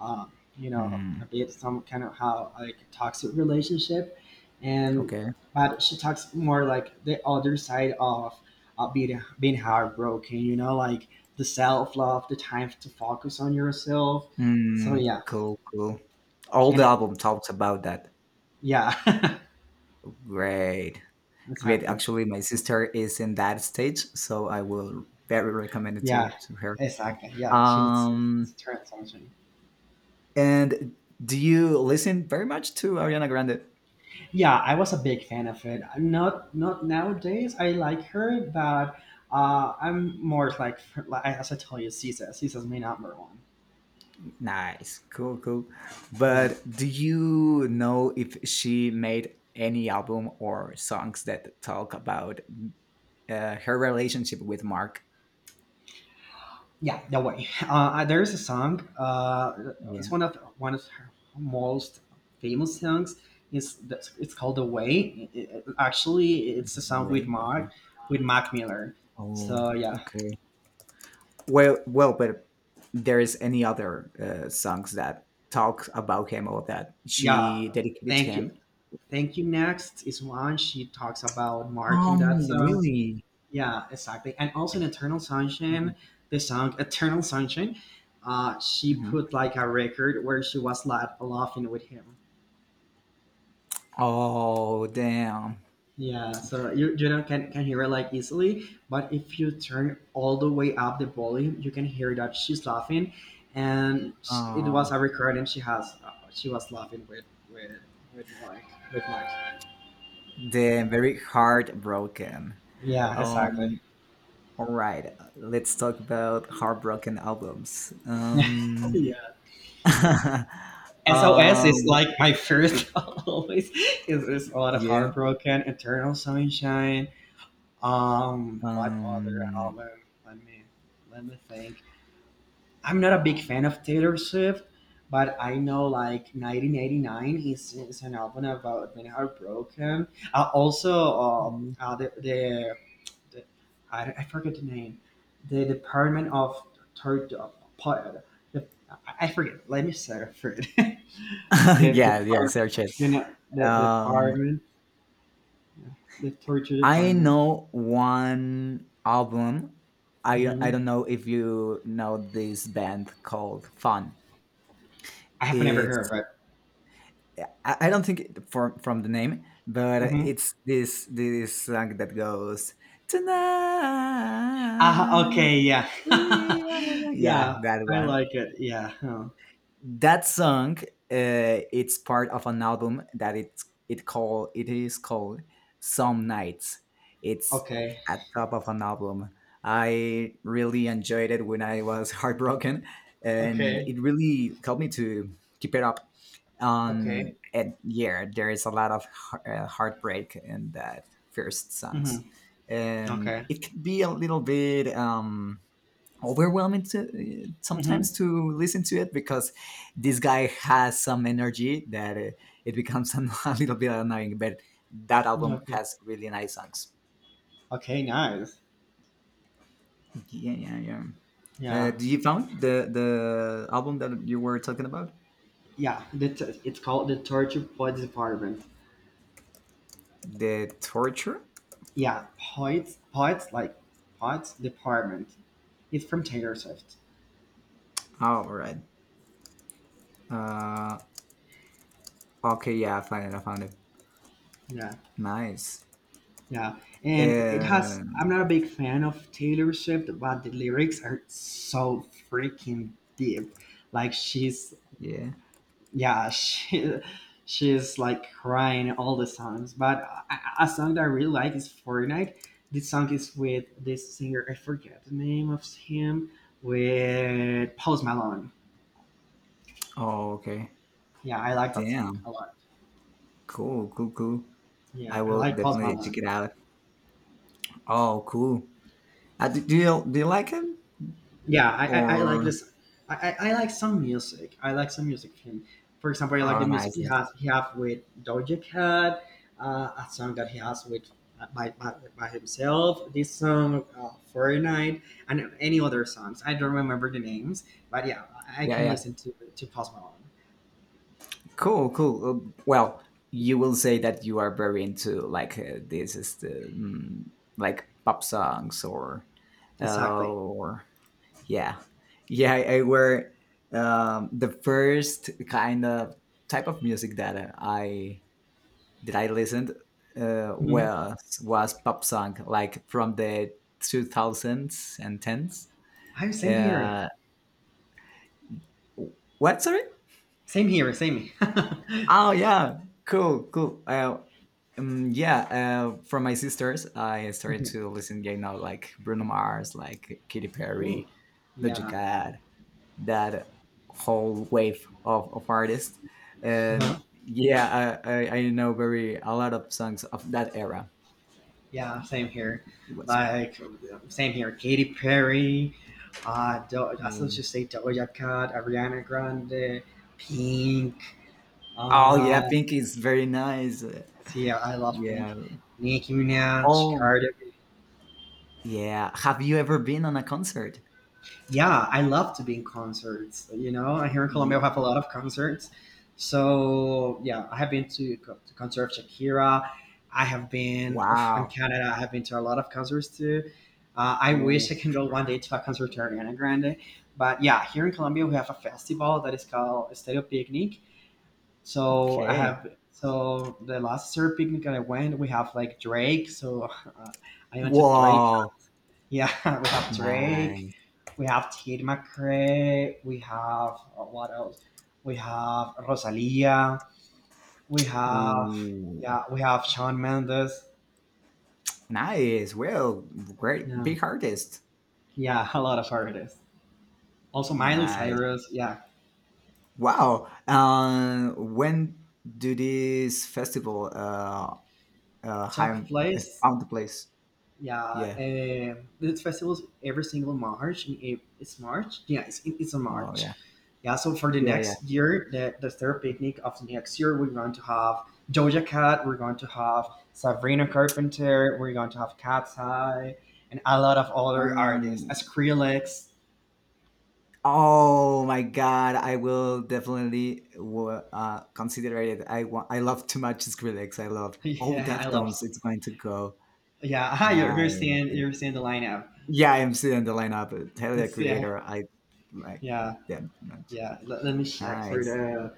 Speaker 1: um, you know, a
Speaker 2: Mm,
Speaker 1: bit some kind of how like toxic relationship, and
Speaker 2: okay.
Speaker 1: but she talks more like the other side of uh, being being heartbroken, you know, like the self love, the time to focus on yourself. So
Speaker 2: Mm,
Speaker 1: yeah,
Speaker 2: cool, cool. All the
Speaker 1: and
Speaker 2: album talks about that.
Speaker 1: yeah,
Speaker 2: Great, great.
Speaker 1: exactly.
Speaker 2: Actually, my sister is in that stage, so I will very recommend it to
Speaker 1: Yeah,
Speaker 2: to her.
Speaker 1: exactly. Yeah, she needs
Speaker 2: Um,
Speaker 1: to turn attention.
Speaker 2: And do you listen very much to Ariana Grande?
Speaker 1: Yeah, I was a big fan of it. Not not nowadays. I like her, but uh, I'm more like, like as I tell you, Caesar. Caesar's my number one.
Speaker 2: Nice, cool, cool.
Speaker 1: Yeah,
Speaker 2: But do you know if she made any album or songs that talk about uh, her relationship with Mark?
Speaker 1: yeah. No way. Uh, uh, there is a song. Uh, it's
Speaker 2: Yeah,
Speaker 1: one of one of her most famous songs. Is it's called "The Way." It- it- actually, it's a song with
Speaker 2: way. Okay.
Speaker 1: Mark with Mac Miller.
Speaker 2: Oh,
Speaker 1: So yeah,
Speaker 2: okay. Well, well, but there is any other uh, songs that talk about him or that
Speaker 1: yeah.
Speaker 2: she dedicated to
Speaker 1: Thank you,
Speaker 2: him?
Speaker 1: thank you. Next is one she talks about Mark in that
Speaker 2: Um,
Speaker 1: song.
Speaker 2: really?
Speaker 1: Yeah, exactly. And also in Eternal Sunshine, the song Eternal Sunshine, uh, she
Speaker 2: Mhm.
Speaker 1: put like a record where she was like laughing with him.
Speaker 2: Oh, damn.
Speaker 1: Yeah, so you you know can can hear it like easily, but if you turn all the way up the volume, you can hear that she's laughing, and sh- it was
Speaker 2: Oh,
Speaker 1: a recording she has. Uh, she was laughing with with with Mark with Mark.
Speaker 2: the very heartbroken.
Speaker 1: Yeah, exactly.
Speaker 2: Um, all right, let's talk about heartbroken albums. Um,
Speaker 1: Yeah.
Speaker 2: uh,
Speaker 1: S O S is like my first always because there's a lot of
Speaker 2: yeah.
Speaker 1: heartbroken, Eternal Sunshine. Um, what other
Speaker 2: Um,
Speaker 1: album? Let me Let me think. I'm not a big fan of Taylor Swift, but I know like nineteen eighty-nine is, is an album about being heartbroken. Uh, also, uh, uh, the, the the, I, I forget the name, the Department of Tor- the, I forget. Let me start for it. the
Speaker 2: yeah, yeah.
Speaker 1: department,
Speaker 2: Search it.
Speaker 1: you know, the
Speaker 2: Um,
Speaker 1: department, the torture
Speaker 2: I
Speaker 1: department.
Speaker 2: know one album. I I
Speaker 1: Hmm.
Speaker 2: don't know if you know this band called Fun.
Speaker 1: I have never heard
Speaker 2: It's
Speaker 1: of it.
Speaker 2: I, I don't think it, from from the name, but
Speaker 1: Hmm.
Speaker 2: it's this this song that goes
Speaker 1: Ah,
Speaker 2: tonight
Speaker 1: okay, yeah,
Speaker 2: we are young. Yeah,
Speaker 1: yeah,
Speaker 2: that
Speaker 1: I
Speaker 2: one,
Speaker 1: like it. Yeah. Huh.
Speaker 2: that song, uh, it's part of an album that it's it called. It is called Some Nights. It's
Speaker 1: Okay.
Speaker 2: at top of an album. I really enjoyed it when I was heartbroken, and
Speaker 1: Okay.
Speaker 2: it really helped me to keep it up. um
Speaker 1: Okay.
Speaker 2: and yeah, there is a lot of heart- uh, heartbreak in that first
Speaker 1: Hmm.
Speaker 2: songs, and
Speaker 1: Okay.
Speaker 2: it can be a little bit um overwhelming to
Speaker 1: Hmm.
Speaker 2: sometimes to listen to it because this guy has some energy that uh, it becomes a, little bit annoying, but that album
Speaker 1: Okay.
Speaker 2: has really nice songs.
Speaker 1: Okay. Nice.
Speaker 2: Yeah, yeah, yeah. uh,
Speaker 1: Yeah.
Speaker 2: do you found the the album that you were talking about?
Speaker 1: Yeah, the t- it's called the torture pod department.
Speaker 2: The torture,
Speaker 1: Yeah, pods pods, like pods department. It's from Taylor Swift.
Speaker 2: oh, all right. uh okay, yeah i found it I found it.
Speaker 1: Yeah,
Speaker 2: Nice.
Speaker 1: yeah. And it
Speaker 2: uh,
Speaker 1: has, I'm not a big fan of Taylor Swift, but the lyrics are so freaking deep. Like she's,
Speaker 2: yeah.
Speaker 1: yeah, she she's like crying all the songs. But a, a song that I really like is Fortnite. This song is with this singer, I forget the name of him, with Post Malone.
Speaker 2: Oh, okay.
Speaker 1: Yeah, I like that song
Speaker 2: Damn,
Speaker 1: a lot.
Speaker 2: cool, cool, cool.
Speaker 1: Yeah,
Speaker 2: I
Speaker 1: I
Speaker 2: will
Speaker 1: like Post
Speaker 2: definitely check
Speaker 1: Malone.
Speaker 2: it out. Oh, cool. Uh, do, do you do you like him
Speaker 1: Yeah, I, I, I like
Speaker 2: or?
Speaker 1: this. I, I, I like some music. I like some music from. For example, I like
Speaker 2: Oh,
Speaker 1: the music
Speaker 2: nice?
Speaker 1: he
Speaker 2: Yes.
Speaker 1: has he have with Doja Cat, uh, a song that he has with uh, by, by, by himself. This song, uh, Fortnite, and any other songs. I don't remember the names, but yeah, I I
Speaker 2: Yeah,
Speaker 1: can
Speaker 2: yeah.
Speaker 1: listen to to Post Malone.
Speaker 2: Cool, cool. Uh, well, you will say that you are very into like uh, this is the mm, like pop songs or uh,
Speaker 1: Exactly.
Speaker 2: or yeah, yeah. I, I were, um, the first kind of type of music that uh, I that I listened uh,
Speaker 1: Mhm.
Speaker 2: was was pop song like from the two thousands and tens.
Speaker 1: I same here.
Speaker 2: Uh, what sorry?
Speaker 1: Same here. Same.
Speaker 2: Oh yeah, cool, cool. Uh, um, yeah, uh, from my sisters, I started to listen, you know, like Bruno Mars, like Katy
Speaker 1: Oh,
Speaker 2: Perry, Doja
Speaker 1: yeah.
Speaker 2: Cat, that whole wave of, of artists,
Speaker 1: Uh-huh.
Speaker 2: and yeah, I, I, I know very a lot of songs of that era.
Speaker 1: Yeah, same here.
Speaker 2: It was.
Speaker 1: Like, same here. Katy Perry, uh, Do- I still
Speaker 2: Yeah.
Speaker 1: just say Doja Cat, Ariana Grande, Pink.
Speaker 2: Oh yeah,
Speaker 1: Uh,
Speaker 2: Pink is very nice.
Speaker 1: see, yeah, I love Pink.
Speaker 2: Yeah.
Speaker 1: Nicki Minaj,
Speaker 2: Oh
Speaker 1: Cardi.
Speaker 2: yeah. Have you ever been on a concert?
Speaker 1: Yeah, I love to be in concerts. You know, here in Colombia, we
Speaker 2: Ye-
Speaker 1: have a lot of concerts. So yeah, I have been to co- the concert of Shakira. I have been in
Speaker 2: Wow.
Speaker 1: Canada. I have been to a lot of concerts too. Uh, I
Speaker 2: Ooh,
Speaker 1: wish I can go one day to a concert to Ariana Grande. But yeah, here in Colombia, we have a festival that is called Estadio Picnic. So I
Speaker 2: okay.
Speaker 1: have, so the last Stereo Picnic that I went, we have like Drake. So uh, I went to Drake,
Speaker 2: Wow,
Speaker 1: yeah, we have Drake,
Speaker 2: nice.
Speaker 1: we have Tate McRae, we have, uh, what else? We have Rosalia, we have,
Speaker 2: Ooh,
Speaker 1: yeah, we have Shawn Mendes.
Speaker 2: nice. Well, great,
Speaker 1: Yeah,
Speaker 2: big artist.
Speaker 1: yeah, a lot of artists. Also Miley
Speaker 2: Nice.
Speaker 1: Cyrus. Yeah,
Speaker 2: Wow. Um, when do this festival uh, uh,
Speaker 1: took
Speaker 2: have,
Speaker 1: place.
Speaker 2: found the place?
Speaker 1: Yeah,
Speaker 2: Yeah.
Speaker 1: um, the festival is every single March. In April, it's March. Yeah, it's it's a
Speaker 2: Oh,
Speaker 1: March.
Speaker 2: yeah.
Speaker 1: Yeah, so for the
Speaker 2: Yeah, yeah.
Speaker 1: next year, the, the third picnic of the next year, we're going to have Doja Cat, we're going to have Sabrina Carpenter, we're going to have Cat's Eye, and a lot of other artists,
Speaker 2: Um,
Speaker 1: Skrillex.
Speaker 2: oh my God, I will definitely w- uh, consider it. I want. I love too much Skrillex. I love. Oh,
Speaker 1: Yeah, I love.
Speaker 2: Deftones. It's going to go.
Speaker 1: Yeah, you're, you're
Speaker 2: Nice.
Speaker 1: seeing you're seeing the lineup.
Speaker 2: Yeah, I'm still in the lineup. Tell the
Speaker 1: It's, yeah,
Speaker 2: Creator, I like
Speaker 1: yeah,
Speaker 2: them too much.
Speaker 1: yeah. Let, let me check for
Speaker 2: Nice.
Speaker 1: the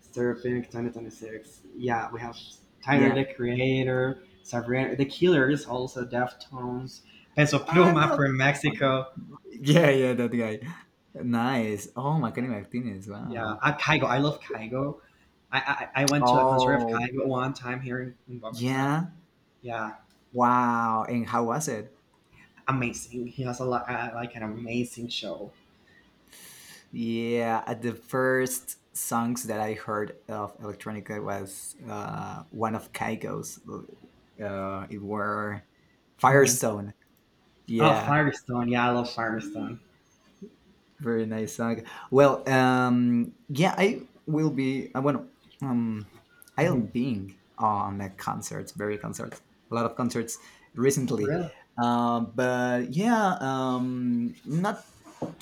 Speaker 1: Serpent, Tiny Tiny Six. Yeah, we have Tyler
Speaker 2: Yeah,
Speaker 1: the Creator, Sabrina the Killers, also Deftones, Peso
Speaker 2: I'm
Speaker 1: Pluma
Speaker 2: not.
Speaker 1: from
Speaker 2: Oh, no.
Speaker 1: Mexico.
Speaker 2: Yeah, yeah, that guy. Nice. Oh, Macaulay Martinez.
Speaker 1: Yeah,
Speaker 2: Wow.
Speaker 1: uh, Kaigo. I love Kaigo. I, I I went to a concert of
Speaker 2: Oh,
Speaker 1: Kaigo one time here in, in Bogota.
Speaker 2: yeah.
Speaker 1: Yeah,
Speaker 2: Wow. And how was it?
Speaker 1: amazing. He has a lot, uh, like an amazing show.
Speaker 2: Yeah, at the first songs that I heard of electronica was uh, one of Kygo's. Uh, it were
Speaker 1: Hmm.
Speaker 2: Firestone.
Speaker 1: Oh,
Speaker 2: Yeah,
Speaker 1: Firestone. Yeah, I love Firestone.
Speaker 2: very nice song. Well, um, yeah, I will be. I want. Um, I'll
Speaker 1: Hmm.
Speaker 2: being on the concerts, very concerts, a lot of concerts recently.
Speaker 1: Really?
Speaker 2: Um, but yeah, um, not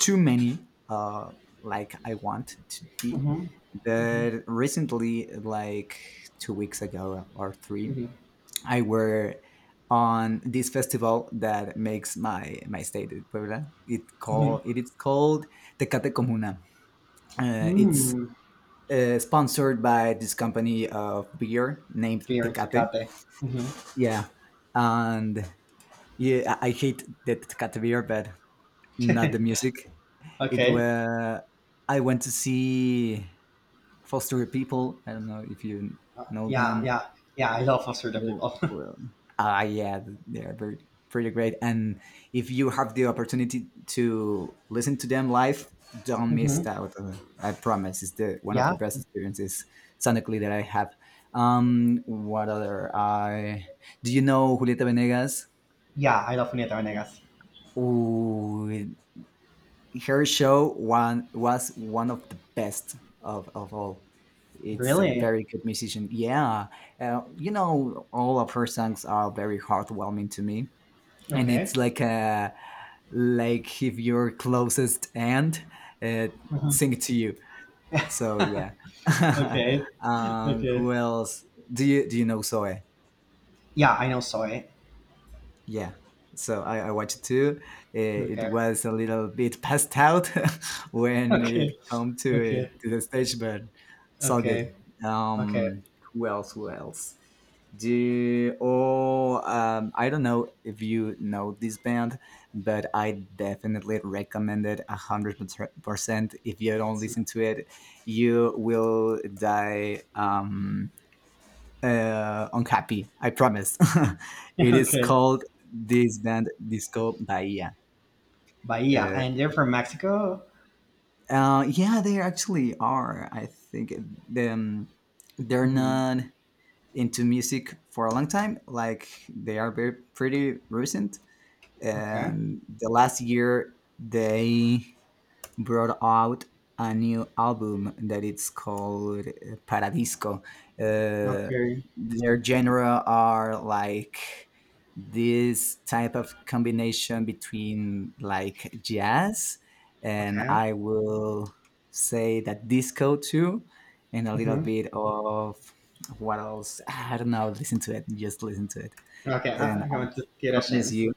Speaker 2: too many. Uh, like I want to be.
Speaker 1: Hmm. Hmm.
Speaker 2: But recently, like two weeks ago or three,
Speaker 1: Hmm.
Speaker 2: I were on this festival that makes my my state eh, Puebla. It
Speaker 1: Hmm.
Speaker 2: call it is called Tecate Comuna. Uh, it's
Speaker 1: Mm.
Speaker 2: uh, sponsored by this company of beer named
Speaker 1: Beer
Speaker 2: Tecate.
Speaker 1: Tecate. Hmm.
Speaker 2: Yeah, and yeah, I I hate the Tecate beer, but not the music. It
Speaker 1: Okay.
Speaker 2: were, I went to see Foster People. I don't know if you
Speaker 1: Uh,
Speaker 2: know
Speaker 1: yeah,
Speaker 2: them.
Speaker 1: yeah, yeah. I love Absurdo
Speaker 2: Wo
Speaker 1: people.
Speaker 2: well, uh, yeah, th they're very pretty great. And if you have the opportunity to listen to them live, don't miss
Speaker 1: Hmm.
Speaker 2: out. Uh, I promise, it's the one of the
Speaker 1: Yeah,
Speaker 2: best experiences sonically that I have. Um, what other? I do you know Julieta Venegas?
Speaker 1: yeah. I love Julieta Venegas.
Speaker 2: Ooh, her show one was one of the best of, of all. It's a
Speaker 1: Really?
Speaker 2: very good musician. Yeah, uh, you know, all of her songs are very heartwarming to me, and it's
Speaker 1: Okay.
Speaker 2: like a, like if your closest aunt uh,
Speaker 1: Mhm.
Speaker 2: sing to you. So yeah.
Speaker 1: Okay.
Speaker 2: um,
Speaker 1: Okay.
Speaker 2: who else? Do you do you know Zoe?
Speaker 1: Yeah, I know soy.
Speaker 2: Yeah. So I, I watched it too. It, it
Speaker 1: Okay.
Speaker 2: was a little bit passed out when
Speaker 1: Okay.
Speaker 2: it come to
Speaker 1: Okay.
Speaker 2: it, to the stage, but it's all
Speaker 1: Okay.
Speaker 2: good.
Speaker 1: Okay.
Speaker 2: Um, who else? Who else? Do oh um, I don't know if you know this band, but I definitely recommend it a hundred percent. If you don't
Speaker 1: That's-
Speaker 2: listen to it, you will die, um, uh, unhappy. I promise. it is
Speaker 1: okay.
Speaker 2: called this band Disco Bahia.
Speaker 1: Bahia,
Speaker 2: Uh,
Speaker 1: and they're from Mexico.
Speaker 2: uh, yeah, they actually are. I think them they're
Speaker 1: Hmm.
Speaker 2: not into music for a long time. Like they are very pretty recent.
Speaker 1: Okay.
Speaker 2: And the last year, they brought out a new album that it's called uh, Paradisco. Uh,
Speaker 1: Okay.
Speaker 2: their genre are like this type of combination between like jazz and
Speaker 1: Okay.
Speaker 2: I will say that disco too, and a little
Speaker 1: Hmm.
Speaker 2: bit of what else. I don't know. Listen to it. Just listen to it,
Speaker 1: Okay.
Speaker 2: and
Speaker 1: I,
Speaker 2: I
Speaker 1: I want to get a
Speaker 2: promise
Speaker 1: chance.
Speaker 2: you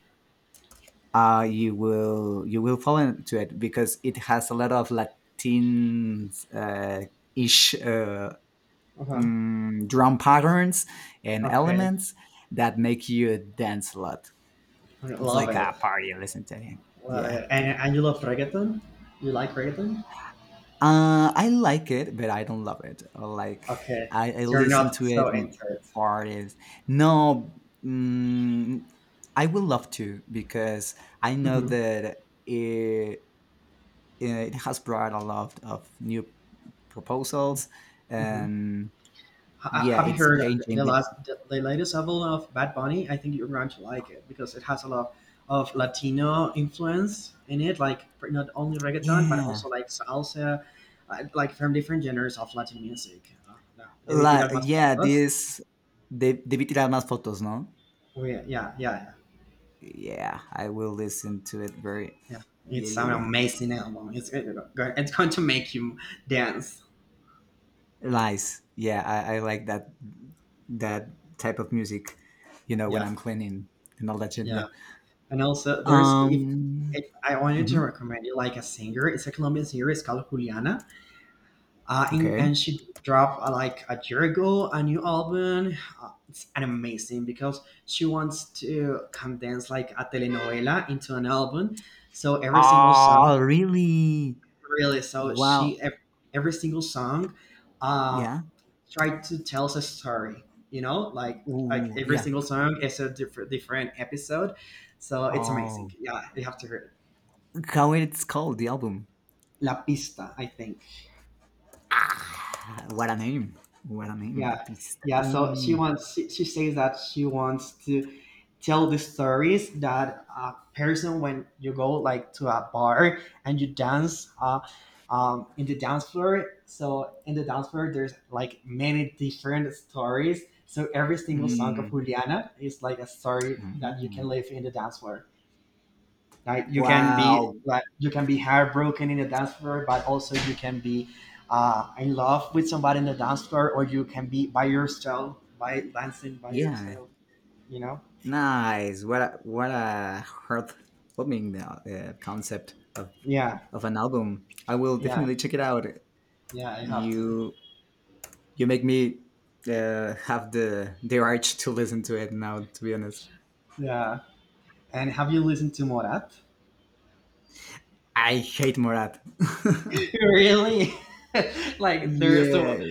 Speaker 2: uh, you will, you will fall into it because it has a lot of Latin uh, ish, uh,
Speaker 1: Uh-huh.
Speaker 2: mm, drum patterns and
Speaker 1: Okay.
Speaker 2: elements that make you dance a lot.
Speaker 1: I
Speaker 2: It's
Speaker 1: love
Speaker 2: like a
Speaker 1: it.
Speaker 2: party. Listen to it.
Speaker 1: Love
Speaker 2: Yeah.
Speaker 1: it. And and you love reggaeton? You like reggaeton?
Speaker 2: Uh, I like it, but I don't love it. Like
Speaker 1: Okay,
Speaker 2: I, I
Speaker 1: so you're
Speaker 2: listen
Speaker 1: not
Speaker 2: to it
Speaker 1: so
Speaker 2: in
Speaker 1: into it.
Speaker 2: parties. No, mm, I would love to because I know
Speaker 1: Hmm.
Speaker 2: that it, it has brought a lot of new proposals,
Speaker 1: Hmm.
Speaker 2: and
Speaker 1: H-
Speaker 2: yeah,
Speaker 1: have you
Speaker 2: it's
Speaker 1: heard
Speaker 2: changing
Speaker 1: the
Speaker 2: the,
Speaker 1: last, the, the latest album of Bad Bunny? I think you're going to like it because it has a lot of Latino influence in it, like pr- not only reggaeton but
Speaker 2: yeah.
Speaker 1: also like salsa, uh, like from different genres of Latin music. Uh, uh, Debe
Speaker 2: La,
Speaker 1: tirar más
Speaker 2: yeah
Speaker 1: fotos.
Speaker 2: this de, debí tirar más fotos, no,
Speaker 1: Oh, yeah, yeah, yeah,
Speaker 2: yeah, I will listen to it very,
Speaker 1: yeah. Yeah.
Speaker 2: yeah,
Speaker 1: It's an
Speaker 2: yeah, yeah,
Speaker 1: amazing album. It's it's going to make you dance.
Speaker 2: nice, yeah, i, I like that that type of music, you know, when
Speaker 1: Yeah,
Speaker 2: I'm cleaning and all that shit, yeah.
Speaker 1: yeah. And also, there's, if,
Speaker 2: um
Speaker 1: if I wanted to
Speaker 2: mhm,
Speaker 1: recommend it, like a singer, it's a Colombian singer, it's called Juliana, uh, and,
Speaker 2: okay.
Speaker 1: and she dropped uh, like a year ago a new album. Uh, it's an amazing because she wants to condense like a telenovela into an album. So every single song,
Speaker 2: Oh really,
Speaker 1: really, so
Speaker 2: wow,
Speaker 1: she ev- every single song, uh,
Speaker 2: yeah.
Speaker 1: tried to tell us a story. You know, like like
Speaker 2: Ooh,
Speaker 1: every
Speaker 2: yeah.
Speaker 1: single song is a different different episode. So it's
Speaker 2: Oh,
Speaker 1: amazing. Yeah, you have to hear it.
Speaker 2: how it's called the album?
Speaker 1: La Pista, I think.
Speaker 2: Ah, what a name! What a name! La
Speaker 1: Yeah,
Speaker 2: pista.
Speaker 1: yeah. So she
Speaker 2: Ooh.
Speaker 1: wants. She, she says that she wants to tell the stories that a person when you go like to a bar and you dance uh, um, in the dance floor. So in the dance floor, there's like many different stories. So every single song of
Speaker 2: Mm.
Speaker 1: Juliana is like a story that you can
Speaker 2: Mm.
Speaker 1: live in the dance floor. Like you can be
Speaker 2: Wow.
Speaker 1: like you can be heartbroken in the dance floor, but also you can be uh, in love with somebody in the dance floor, or you can be by yourself by dancing by
Speaker 2: Yeah.
Speaker 1: yourself. You know?
Speaker 2: Nice. What a what a heartwarming uh, concept of
Speaker 1: Yeah,
Speaker 2: of an album. I will
Speaker 1: yeah,
Speaker 2: definitely check it out.
Speaker 1: yeah. I have to.
Speaker 2: You you make me uh, have the the urge to listen to it now. To be honest,
Speaker 1: Yeah. And have you listened to Morat?
Speaker 2: I hate Morat.
Speaker 1: Really? Like they're so,
Speaker 2: yeah.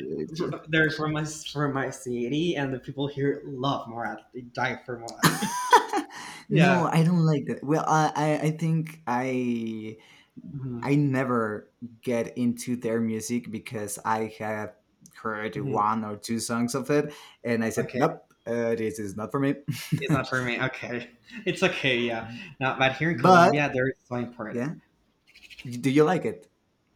Speaker 1: they're from my from my city and the people here love Morat. They die for Morat.
Speaker 2: No,
Speaker 1: Yeah.
Speaker 2: I don't like that. Well, I, I I think I
Speaker 1: Hmm.
Speaker 2: I never get into their music because I have heard
Speaker 1: Hmm.
Speaker 2: one or two songs of it, and I said,
Speaker 1: Okay.
Speaker 2: nope, uh, this is not for me.
Speaker 1: It's not for me. Okay, it's okay. Yeah, no, but here in
Speaker 2: But
Speaker 1: Colombia, there is so
Speaker 2: yeah,
Speaker 1: important.
Speaker 2: do you like it?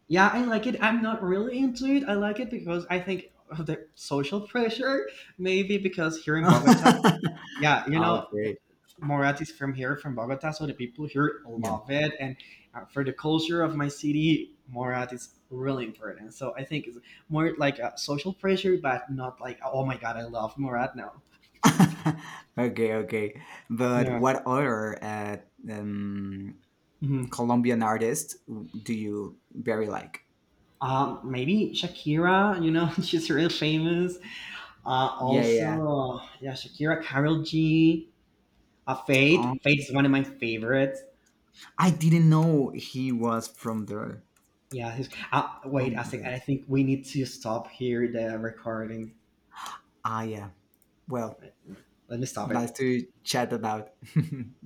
Speaker 1: Yeah, I like it. I'm not really into it. I like it because I think of the social pressure, maybe because here in Bogota, yeah, you know, th-
Speaker 2: Okay,
Speaker 1: Morat is from here, from Bogota, so the people here
Speaker 2: yeah.
Speaker 1: love it. And uh, for the culture of my city, Morat is really important. So I think it's more like a social pressure, but not like, oh my God, I love Morat now.
Speaker 2: Okay, okay. But
Speaker 1: Yeah.
Speaker 2: what other uh, um, Colombian artist do you very like?
Speaker 1: Um, maybe Shakira, you know, she's real famous. Uh,
Speaker 2: Yeah, yeah.
Speaker 1: also, yeah, Shakira, Carol G, uh, Fate. Fate is one of my favorites.
Speaker 2: I didn't know he was from there.
Speaker 1: Yeah, he's- uh,
Speaker 2: Oh
Speaker 1: wait, I
Speaker 2: my
Speaker 1: think,
Speaker 2: god.
Speaker 1: I think we need to stop here the recording.
Speaker 2: Ah yeah. Well,
Speaker 1: Let me stop
Speaker 2: nice
Speaker 1: it.
Speaker 2: to chat about.